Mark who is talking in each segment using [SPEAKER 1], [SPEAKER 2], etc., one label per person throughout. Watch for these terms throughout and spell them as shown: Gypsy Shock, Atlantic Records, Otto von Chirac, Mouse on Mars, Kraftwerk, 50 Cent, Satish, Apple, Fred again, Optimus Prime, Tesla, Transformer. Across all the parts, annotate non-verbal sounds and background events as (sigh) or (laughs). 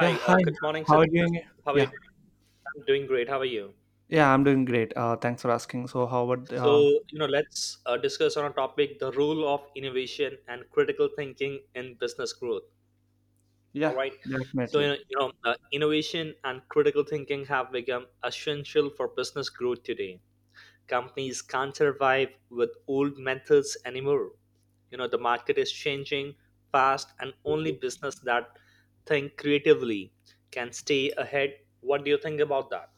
[SPEAKER 1] Yeah, hi.
[SPEAKER 2] good morning,
[SPEAKER 1] How are you
[SPEAKER 2] Satish.
[SPEAKER 1] doing?
[SPEAKER 2] How are you
[SPEAKER 1] Yeah,
[SPEAKER 2] doing? I'm doing great. How are you?
[SPEAKER 1] yeah, I'm doing great. Thanks for asking. So, how about?
[SPEAKER 2] So, you know, let's discuss on a topic the role of innovation and critical thinking in business growth. All
[SPEAKER 1] Yeah,
[SPEAKER 2] right. So,
[SPEAKER 1] Definitely.
[SPEAKER 2] innovation and critical thinking have become essential for business growth today. Companies can't survive with old methods anymore. The market is changing fast, and only business that think creatively can stay ahead. What do you think about that?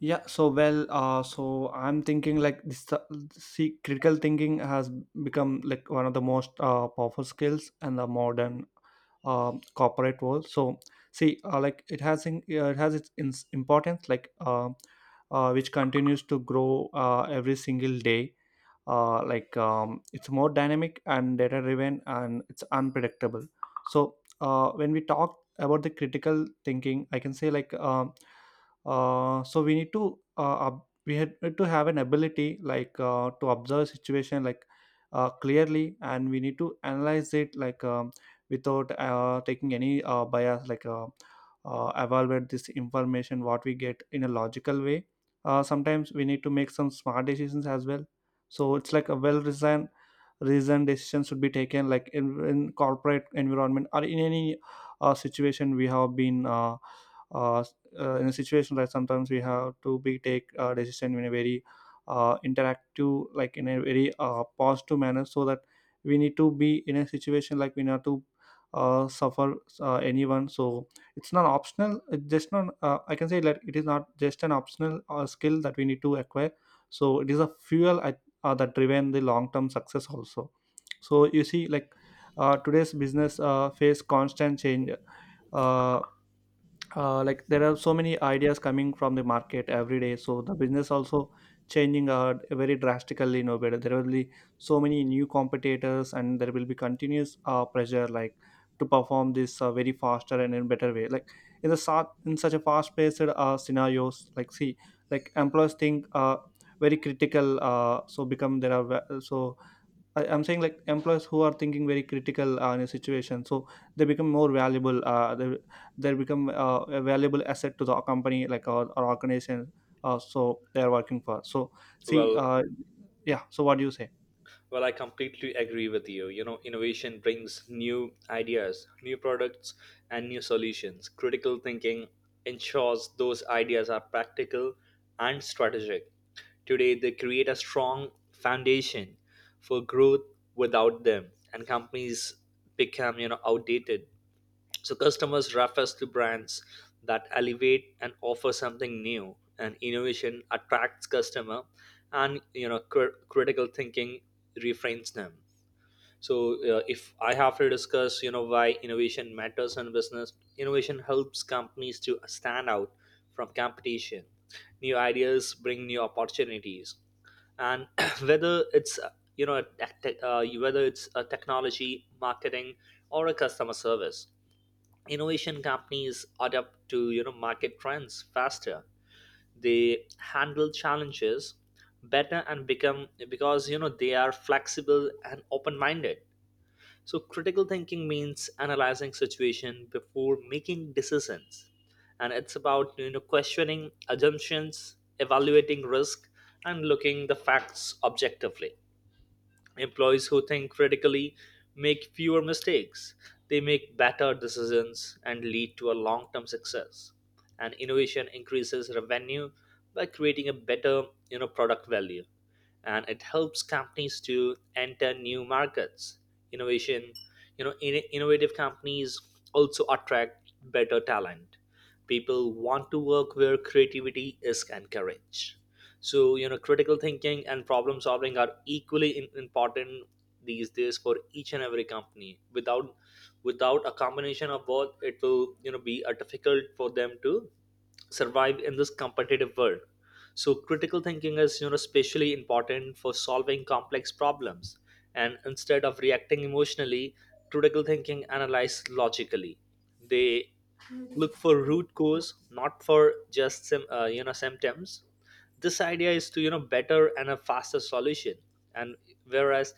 [SPEAKER 1] Yeah. So I'm thinking like this. See, critical thinking has become like one of the most powerful skills in the modern corporate world. So, see, like it has its ins importance, like which continues to grow every single day it's more dynamic and data driven and it's unpredictable. So when we talk about the critical thinking, I can say like so we need to ab- we had need to have an ability like to observe situation clearly, and we need to analyze it like without taking any bias, like evaluate this information what we get in a logical way. Uh, sometimes we need to make some smart decisions as well. So it's like a well reasoned decision should be taken like in corporate environment or in any situation we have been uh, in a situation that sometimes we have to be take a decision in a very interactive, like in a very positive manner, so that we need to be in a situation like we not to suffer anyone. So it's not optional, it's just not, I can say that it is not just an optional skill that we need to acquire. So it is a fuel, I that driven the long term success also. So you see, today's business face constant change, uh, like there are so many ideas coming from the market every day, so the business also changing very drastically. No better, there will be so many new competitors, and there will be continuous pressure like to perform this very faster and in better way. Like in such a fast paced scenarios, like see, like employees think very critical, so become there are ve- so I, I'm saying like employees who are thinking very critical in a situation, so they become more valuable. They become a valuable asset to the company, like or organization, so they are working for. So see,
[SPEAKER 2] Well,
[SPEAKER 1] yeah. So what do you say?
[SPEAKER 2] Well, I completely agree with you. Innovation brings new ideas, new products, and new solutions. Critical thinking ensures those ideas are practical and strategic. Today, they create a strong foundation for growth without them, and companies become, outdated. So customers refers to brands that elevate and offer something new, and innovation attracts customer, and critical thinking refrains them. So, if I have to discuss, why innovation matters in business, innovation helps companies to stand out from competition. New ideas bring new opportunities, and (clears throat) whether it's you know a whether it's a technology, marketing, or a customer service innovation. Companies adapt to market trends faster. They handle challenges better and become because they are flexible and open minded. So critical thinking means analyzing situation before making decisions, and it's about questioning assumptions, evaluating risk, and looking the facts objectively. Employees who think critically make fewer mistakes. They make better decisions and lead to a long term success. And innovation increases revenue by creating a better, product value, and it helps companies to enter new markets. Innovation, innovative companies also attract better talent. People want to work where creativity is encouraged. So, critical thinking and problem solving are equally important these days for each and every company. Without a combination of both, it will be difficult for them to survive in this competitive world. So critical thinking is especially important for solving complex problems, and instead of reacting emotionally, critical thinking analyze logically. They look for root cause, not for just symptoms. This idea is to better and a faster solution. And whereas,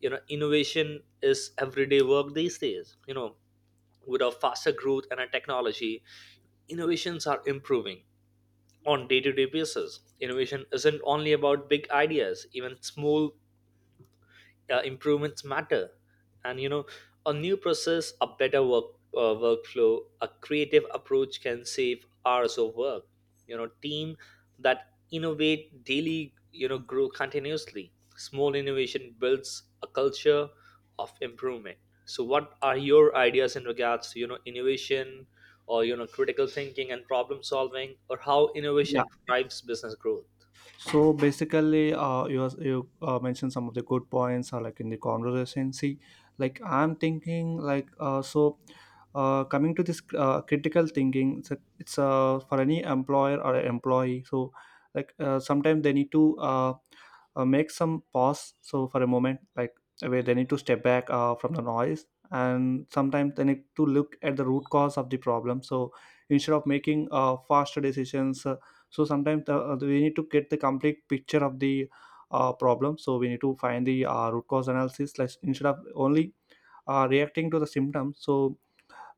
[SPEAKER 2] innovation is everyday work these days, with a faster growth and a technology. Innovations are improving on day-to-day basis. Innovation isn't only about big ideas, even small improvements matter. And a new process, a better workflow, a creative approach can save hours of work. Team that innovate daily grow continuously. Small innovation builds a culture of improvement. So what are your ideas in regards to innovation, or critical thinking and problem solving, or how
[SPEAKER 1] Yeah.
[SPEAKER 2] innovation drives business growth?
[SPEAKER 1] So basically, you mentioned some of the good points, like in the conversation. See, like I'm thinking, like coming to this critical thinking, it's for any employer or employee. So, sometimes they need to. Make some pause so for a moment, like where they need to step back from the noise, and sometimes they need to look at the root cause of the problem. So instead of making faster decisions, so sometimes we need to get the complete picture of the problem. So we need to find the root cause analysis, like instead of only reacting to the symptoms. So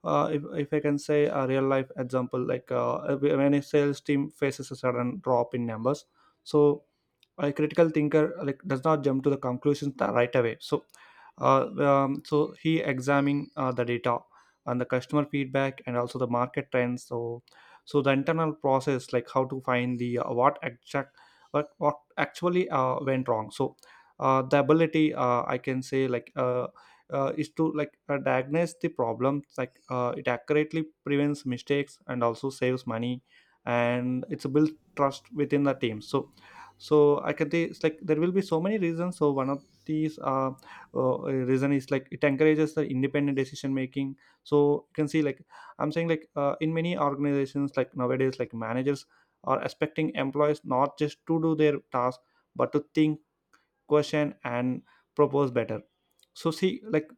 [SPEAKER 1] if I can say a real life example, when a sales team faces a sudden drop in numbers, so a critical thinker like does not jump to the conclusions right away. So so he examining the data and the customer feedback and also the market trends. So so the internal process, like how to find the what actually went wrong. So the ability, I can say, like is to diagnose the problem, it accurately prevents mistakes and also saves money, and it's built trust within the team. So so I can say it's like there will be so many reasons. So one of these uh reason is like it encourages the independent decision making. So you can see, like I'm saying, in many organizations, like nowadays, like managers are expecting employees not just to do their task, but to think, question, and propose better. So see, like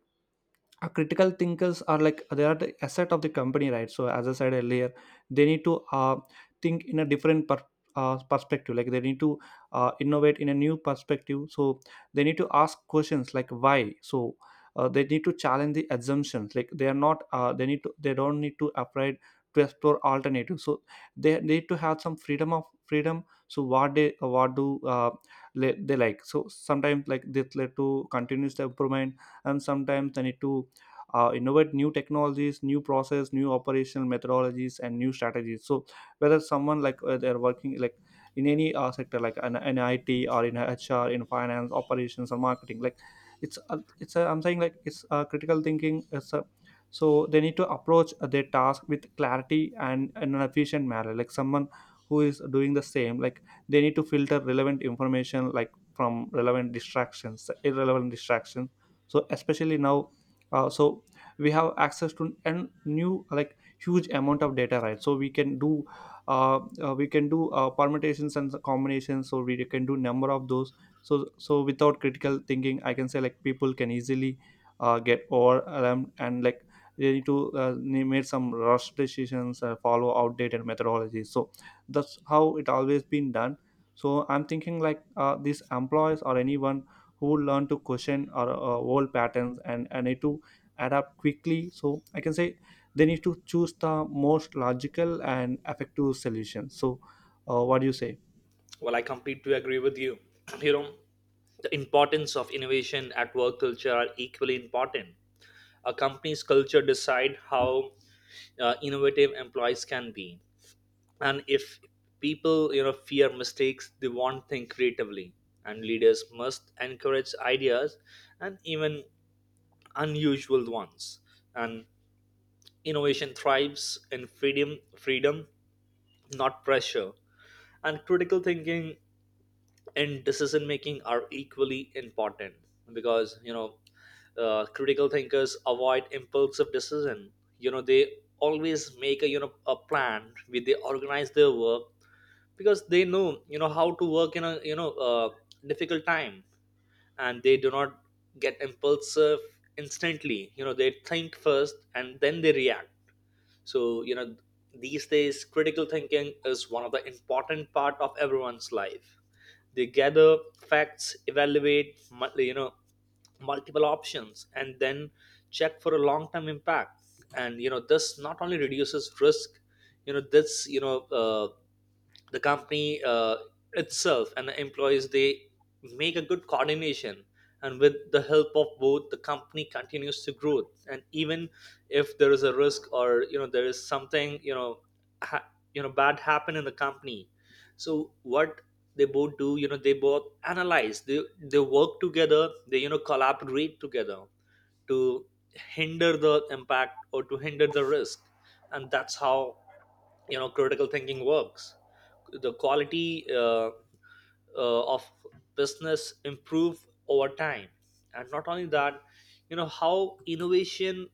[SPEAKER 1] uh, critical thinkers are like they are the asset of the company, right? So as I said earlier, they need to think in a different perspective, like they need to innovate in a new perspective. So they need to ask questions like why. So they need to challenge the assumptions, like they are not, they need to, they don't need to afraid to explore alternatives. So they need to have some freedom of freedom. So what they what do le- they like, so sometimes like this led to continuous improvement, and sometimes they need to innovate new technologies, new process, new operational methodologies, and new strategies. So whether someone like they're working like in any sector like an IT or in HR in finance operations or marketing, like I'm saying like it's a critical thinking, it's a, so they need to approach their task with clarity and in an efficient manner, like someone who is doing the same, like they need to filter relevant information like from relevant distractions irrelevant distractions. So especially now, so we have access to an new like huge amount of data, right? So we can do permutations and combinations. So we can do number of those. So so without critical thinking, I can say like people can easily get overwhelmed, and like they need to, they made some rush decisions, follow outdated methodologies. So that's how it always been done. So I'm thinking, these employees or anyone who learn to question or old patterns, and need to adapt quickly. So I can say they need to choose the most logical and effective solution. So what do you say?
[SPEAKER 2] Well, I completely agree with you. (clears throat) You know, the importance of innovation at work culture are equally important. A company's culture decide how innovative employees can be, and if people fear mistakes, they won't think creatively. And leaders must encourage ideas and even unusual ones. And innovation thrives in freedom, not pressure. And critical thinking and decision making are equally important, because critical thinkers avoid impulsive decision. They always make a, a plan with they organize their work. Because they know how to work in a, difficult time. And they do not get impulsive instantly. They think first and then they react. So, these days critical thinking is one of the important part of everyone's life. They gather facts, evaluate mu- you know multiple options, and then check for a long term impact. And this not only reduces risk. You know this you know The company itself and the employees, they make a good coordination. And with the help of both, the company continues to grow. And even if there is a risk, or there is something, ha- bad happen in the company. So what they both do, they both analyze. They work together. They collaborate together to hinder the impact or to hinder the risk. And that's how critical thinking works. The quality of business improve over time. And not only that, how innovation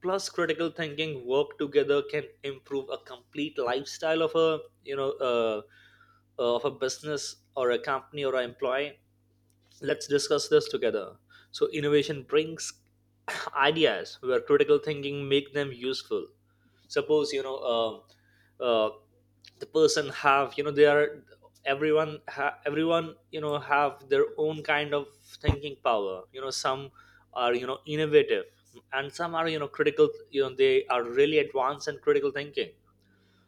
[SPEAKER 2] plus critical thinking work together can improve a complete lifestyle of a, of a business or a company or an employee. Let's discuss this together. So innovation brings (coughs) (clears throat) ideas where critical thinking make them useful. Suppose, uh, the person have, they are, everyone have their own kind of thinking power. Some are innovative, and some are critical. They are really advanced and critical thinking.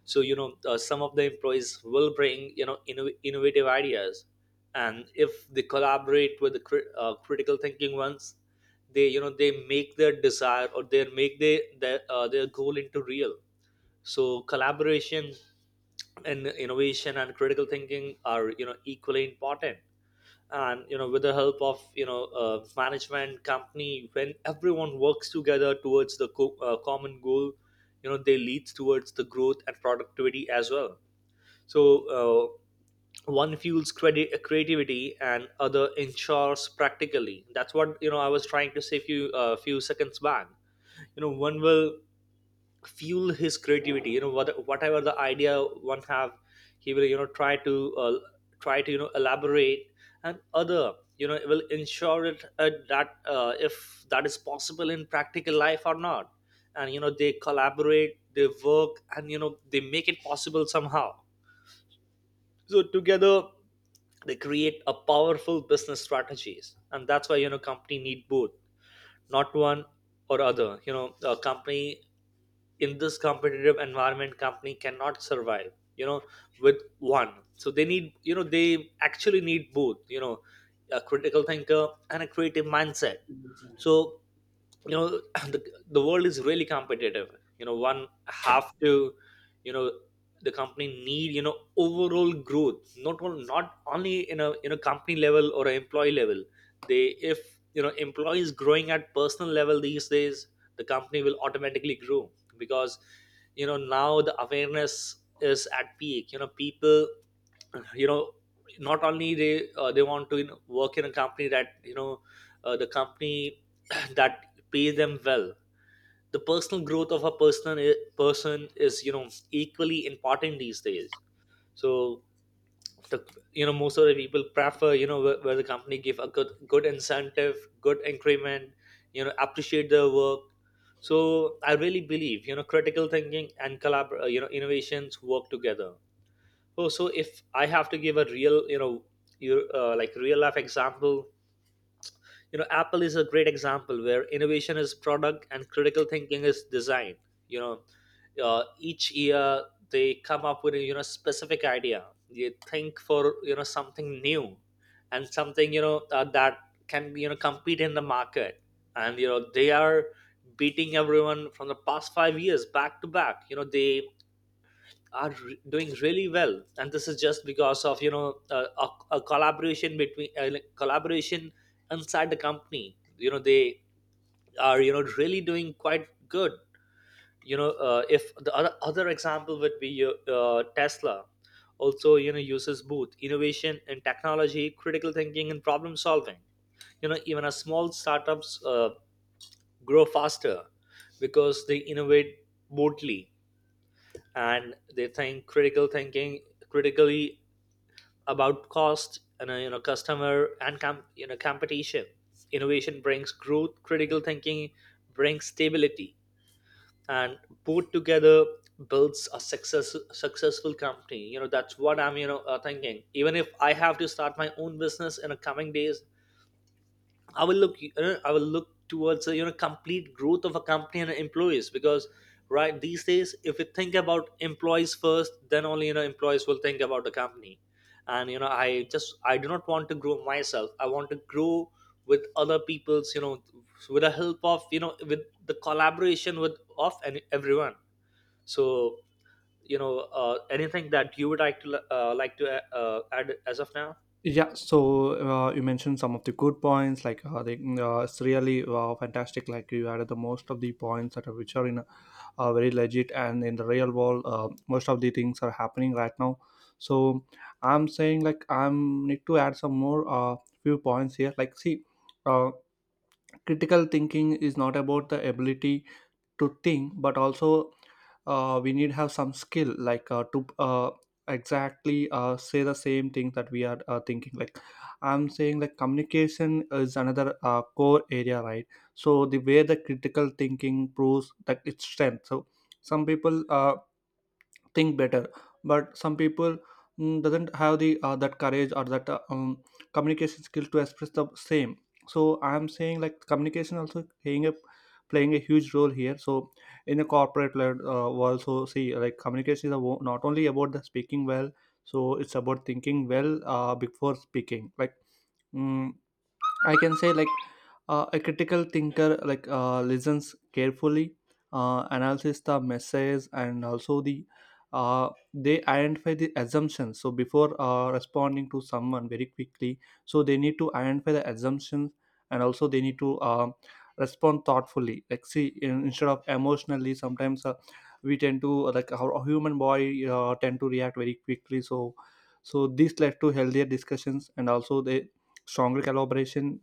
[SPEAKER 2] So some of the employees will bring innovative ideas. And if they collaborate with the critical thinking ones, they you know they make their desire, or they make their goal into real. So collaboration and innovation and critical thinking are, equally important. And with the help of, management company, when everyone works together towards the common goal, they leads towards the growth and productivity as well. So, uh, one fuels credit creativity and other ensures practically. That's what I was trying to say few seconds back. One will fuel his creativity, whatever the idea one have. He will try to elaborate. And other will ensure it that, if that is possible in practical life or not. And they collaborate, they work, and they make it possible somehow. So together, they create a powerful business strategies. And that's why, company need both. Not one or other. A company in this competitive environment, company cannot survive, you know with one. So they need, they actually need both, a critical thinker and a creative mindset. So you know (clears throat) the, the world is really competitive. One have to, you know the company need, overall growth, not only in a company level, or an employee level. They, if employees growing at personal level these days, the company will automatically grow. Because now the awareness is at peak. People, you know not only they want to, work in a company that, the company (clears throat) that pays them well. The personal growth of a person is, equally important these days. So, the, most of the people prefer, where the company give a good incentive, good increment. Appreciate their work. So I really believe critical thinking and collab you know innovations work together. Oh, so if I have to give a real, you know, you like real life example, Apple is a great example where innovation is product and critical thinking is design. You know, each year, they come up with a, specific idea. They think for something new, and something, that can compete in the market, and they are beating everyone from the past 5 years back to back. They are doing really well, and this is just because of, a collaboration between, like collaboration inside the company. They are really doing quite good. If the other example would be Tesla, also uses both innovation and technology, critical thinking and problem solving. Even a small startups grow faster because they innovate boldly, and they think critically about cost and, customer and competition. Innovation brings growth, critical thinking brings stability, and put together, builds a successful company. That's what I'm, thinking. Even if I have to start my own business in the coming days, I will look, towards, complete growth of a company and employees, because right, these days, if we think about employees first, then only employees will think about the company. And I just, I do not want to grow myself. I want to grow with other people's, with the help of, with the collaboration with of and everyone. So, anything that you would like to add as of now.
[SPEAKER 1] Yeah. So you mentioned some of the good points, like it's really fantastic, like you added the most of the points that are which are in a, very legit, and in the real world most of the things are happening right now. So I'm saying like I'm need to add some more few points here, like see, uh, critical thinking is not about the ability to think, but also we need have some skill, like to exactly say the same thing that we are thinking. Like I'm saying, like communication is another core area, right? So the way the critical thinking proves that its strength. So some people think better, but some people doesn't have the that courage or that communication skills to express the same. So I'm saying like communication also playing a huge role here. So in a corporate led world, so see like communication is not only about the speaking well, so it's about thinking well before speaking, like mm, I can say like a critical thinker listens carefully, analyzes the message, and also the, they identify the assumptions. So before responding to someone very quickly, so they need to identify the assumptions, and also they need to respond thoughtfully. Like see, instead of emotionally, sometimes we tend to like our human body tend to react very quickly. So so this led to healthier discussions and also the stronger collaboration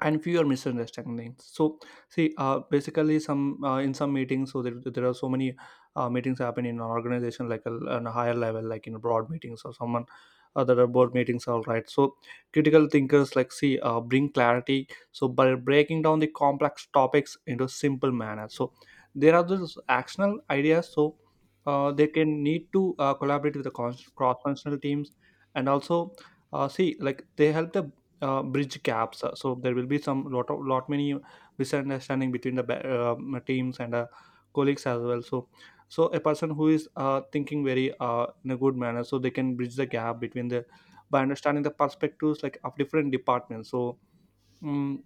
[SPEAKER 1] and fewer misunderstandings. So see, basically some in some meetings, so there are so many meetings happen in an organization, like a, on a higher level, like in broad meetings, or someone, there are board meetings, all right? So critical thinkers like see bring clarity, so by breaking down the complex topics into simple manner. So there are those actional ideas. So they can need to collaborate with the cross functional teams, and also see like they help the bridge gaps. So there will be some lot of lot many misunderstanding between the teams and colleagues as well. So so a person who is thinking very in a good manner, so they can bridge the gap between the, by understanding the perspectives, like of different departments. So. mm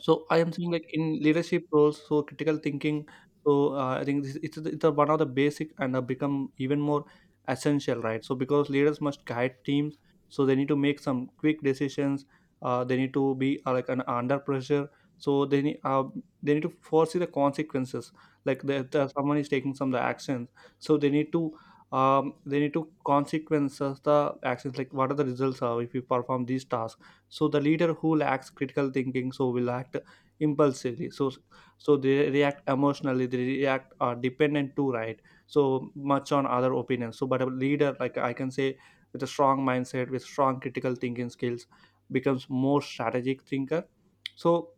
[SPEAKER 1] so I am saying like in leadership roles, so critical thinking. So I think this, it's one of the basic and have become even more essential, right? So because leaders must guide teams, so they need to make some quick decisions. They need to be like an under pressure. So they need, they need to foresee the consequences. Like the someone is taking some of the actions, so they need to consequences the actions. Like what are the results if you perform these tasks? So the leader who lacks critical thinking so will act impulsively, so so they react emotionally, they react are dependent too, right, so much on other opinions. So but a leader, like I can say, with a strong mindset, with strong critical thinking skills, becomes more strategic thinker. So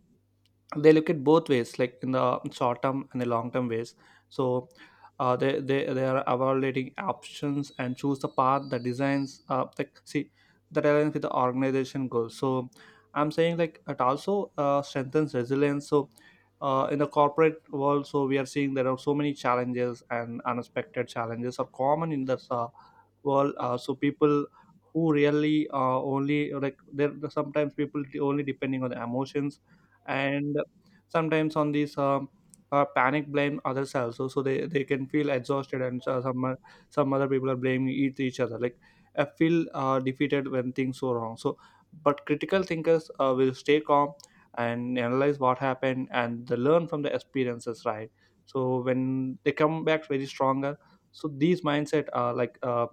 [SPEAKER 1] they look at both ways, like in the short term and the long term ways. So they are evaluating options and choose the path that designs, like see, that aligns with the organization goals. So I'm saying like it also strengthens resilience. So in the corporate world, so we are seeing there are so many challenges, and unexpected challenges are common in this world. So people who really only, like there sometimes people only depending on the emotions, and sometimes on these panic, blame others also. So they can feel exhausted, and some other people are blaming each other. Like I feel defeated when things go wrong. So but critical thinkers will stay calm and analyze what happened, and they learn from the experiences, right? So when they come back very stronger. So these mindset are like,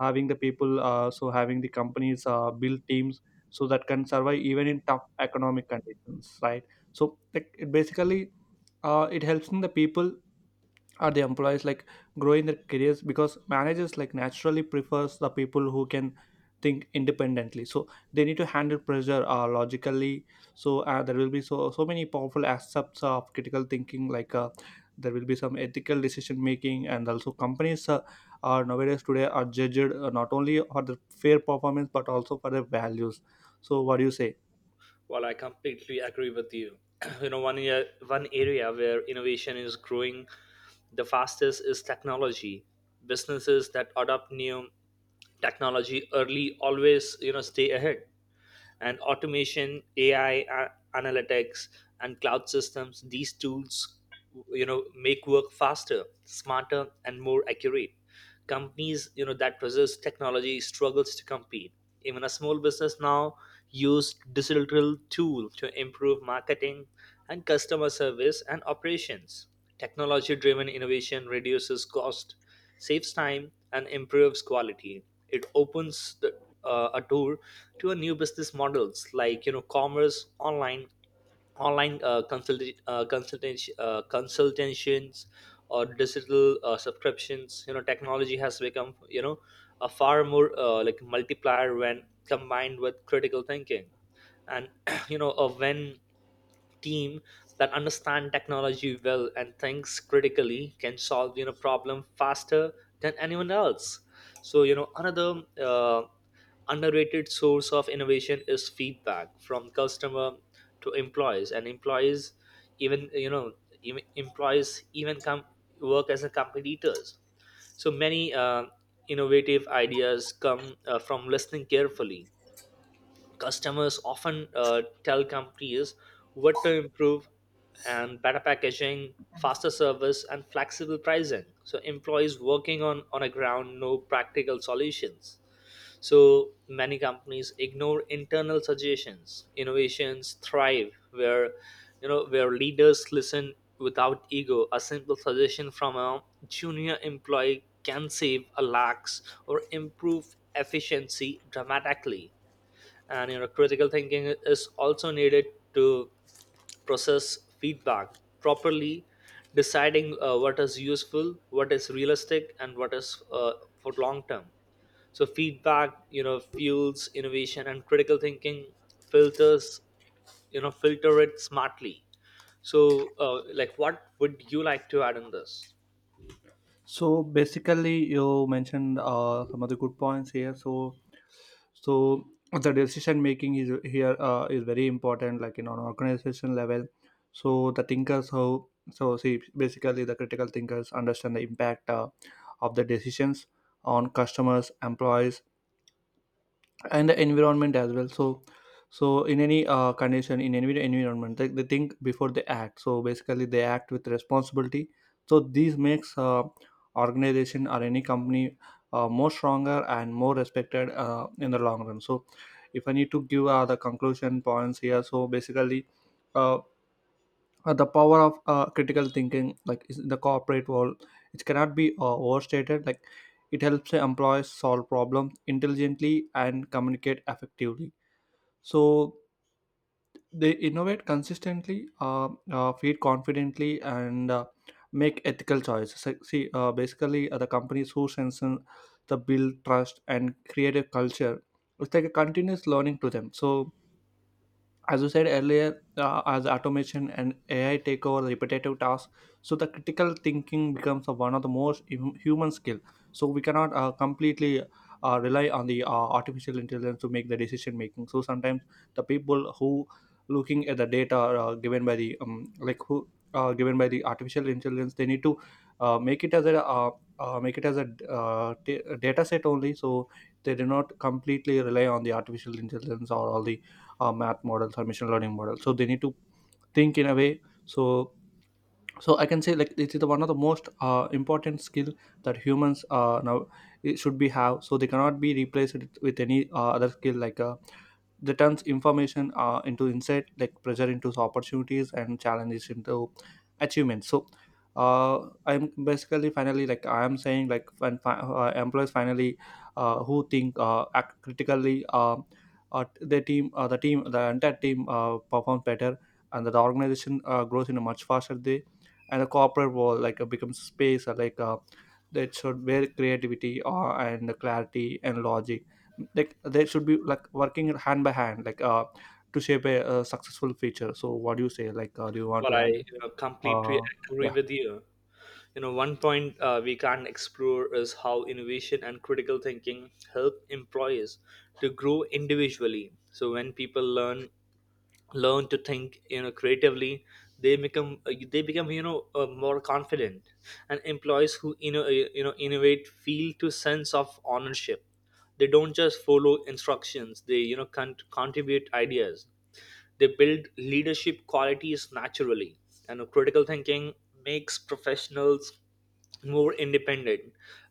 [SPEAKER 1] having the people, so having the companies build teams so that can survive even in tough economic conditions, right? So like it basically it helps in the people or the employees, like growing their careers, because managers like naturally prefers the people who can think independently. So they need to handle pressure logically. So there will be so so many powerful aspects of critical thinking. Like there will be some ethical decision making, and also companies are nowadays today are judged, not only for the fair performance but also for their values. So what do you say?
[SPEAKER 2] Well, I completely agree with you. (clears throat) One area where innovation is growing the fastest is technology. Businesses that adopt new technology early always, stay ahead. And automation, AI, analytics and cloud systems, these tools, make work faster, smarter and more accurate. Companies, that resist technology struggles to compete. Even a small business now use digital tool to improve marketing and customer service and operations. Technology driven innovation reduces cost, saves time and improves quality. It opens a door to a new business models, like, commerce online, online consultations or digital subscriptions. You know, technology has become, a far more, like, multiplier when combined with critical thinking. And (clears throat) you know a when team that understand technology well and thinks critically can solve, problem faster than anyone else. So, another uh, underrated source of innovation is feedback from customer to employees and employees. Even, you know, even employees even come work as a competitors. So many innovative ideas come from listening carefully. Customers often tell companies what to improve, and better packaging, faster service and flexible pricing. So employees working on a ground know practical solutions. So many companies ignore internal suggestions. Innovations thrive where, where leaders listen without ego. A simple suggestion from a junior employee can save a lakhs or improve efficiency dramatically. And, critical thinking is also needed to process feedback properly, deciding what is useful, what is realistic, and what is for long term. So feedback, fuels innovation, and critical thinking filters, you know filter it smartly. So like, what would you like to add on this?
[SPEAKER 1] So basically, you mentioned some of the good points here. So, so the decision making is here is very important, like in an organization level. So the thinkers how, so see basically the critical thinkers understand the impact of the decisions on customers, employees, and the environment as well. So so in any condition, in any environment, they think before they act. So basically they act with responsibility. So this makes organization or any company more stronger and more respected in the long run. So if I need to give the conclusion points here, so basically, uh, the power of critical thinking, like is in the corporate world, it cannot be overstated. Like it helps the employees solve problems intelligently and communicate effectively. So they innovate consistently, feed confidently, and make ethical choices. So, see basically the companies who sense in the build trust and create a culture, it's like a continuous learning to them. So as you said earlier, as automation and AI take over the repetitive tasks, so the critical thinking becomes a, one of the most human skill. So we cannot completely rely on the artificial intelligence to make the decision making. So sometimes the people who looking at the data given by the like who given by the artificial intelligence, they need to uh, make it as a uh, make it as a data set only. So they do not completely rely on the artificial intelligence or all the math models or machine learning models. So they need to think in a way. So so I can say like this is the one of the most important skill that humans now it should be have. So they cannot be replaced with any other skill like a. They turns information into insight, like pressure into opportunities, and challenges into achievements. So I'm basically finally like I am saying, like when employees finally who think act critically. The team, the entire team performs better, and the organization grows in a much faster day. And the corporate world like becomes space that should, where creativity and clarity and logic, like they should be like working hand by hand, to shape a, successful feature. So what do you say? Like do you want
[SPEAKER 2] Well,
[SPEAKER 1] to
[SPEAKER 2] i
[SPEAKER 1] add?
[SPEAKER 2] you know, completely
[SPEAKER 1] uh
[SPEAKER 2] agree
[SPEAKER 1] yeah.
[SPEAKER 2] with you. You know, one point we can not explore is how innovation and critical thinking help employees to grow individually. So when people learn to think, creatively, they become, more confident. And employees who, you know, innovate feel to sense of ownership. They don't just follow instructions, they, you know, contribute ideas. They build leadership qualities naturally, and critical thinking makes professionals more independent.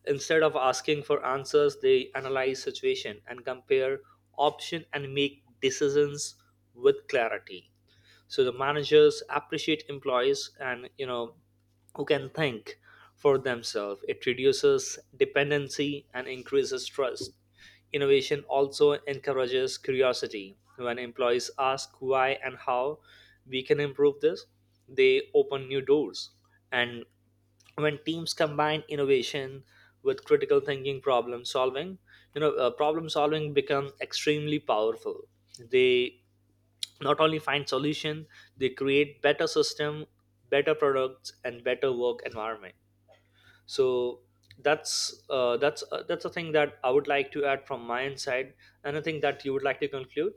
[SPEAKER 2] Instead of asking for answers, they analyze situation and compare option and make decisions with clarity. So the managers appreciate employees, and, who can think for themselves. It reduces dependency and increases trust. Innovation also encourages curiosity. When employees ask why and how we can improve this, they open new doors. And when teams combine innovation with critical thinking, problem solving become extremely powerful. They not only find solution, they create better system, better products and better work environment. So that's a thing that I would like to add from my side. Anything that you would like to conclude?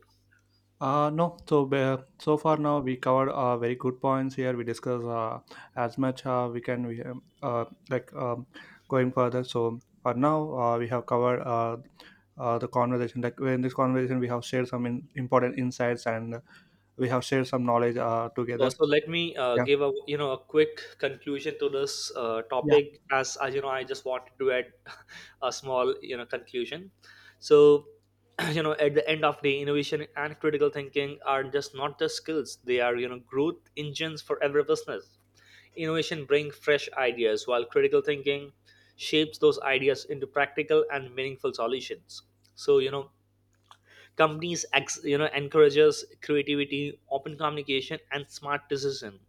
[SPEAKER 1] No, so so far now we covered very good points here. We discussed as much we can. We like Going further, so for now we have covered the conversation. Like in this conversation we have shared some in, important insights, and we have shared some knowledge together.
[SPEAKER 2] Also, let me
[SPEAKER 1] Yeah.
[SPEAKER 2] give a, a quick conclusion to this
[SPEAKER 1] Yeah.
[SPEAKER 2] topic. As you know, I just wanted to add (laughs) a small, conclusion. So (clears throat) you know, at the end of the day, innovation and critical thinking are just not just skills, they are, growth engines for every business. Innovation brings fresh ideas, while critical thinking shapes those ideas into practical and meaningful solutions. So, you know, companies you know, encourages creativity, open communication, and smart decision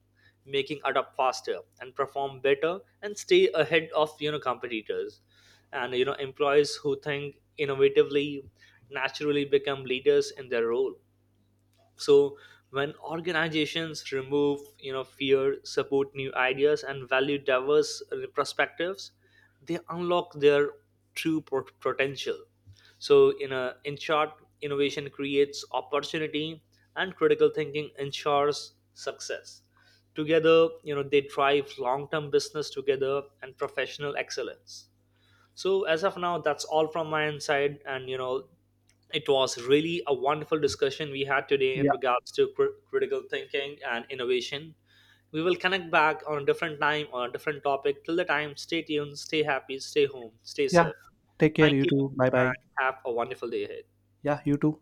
[SPEAKER 2] making. Adapt faster and perform better, and stay ahead of, competitors. And, you know, employees who think innovatively naturally become leaders in their role. So when organizations remove, fear, support new ideas and value diverse perspectives, they unlock their true potential. So in a, in short, innovation creates opportunity and critical thinking ensures success. Together, they drive long term business together and professional excellence. So as of now, that's all from my inside, and, it was really a wonderful discussion we had today in
[SPEAKER 1] Yeah.
[SPEAKER 2] regards to critical thinking and innovation. We will connect back on a different time on a different topic. Till the time, stay tuned, stay happy, stay home, stay
[SPEAKER 1] Yeah,
[SPEAKER 2] safe.
[SPEAKER 1] take care,
[SPEAKER 2] Thank
[SPEAKER 1] you
[SPEAKER 2] you,
[SPEAKER 1] too, bye bye.
[SPEAKER 2] and have a wonderful day ahead.
[SPEAKER 1] Yeah, you too.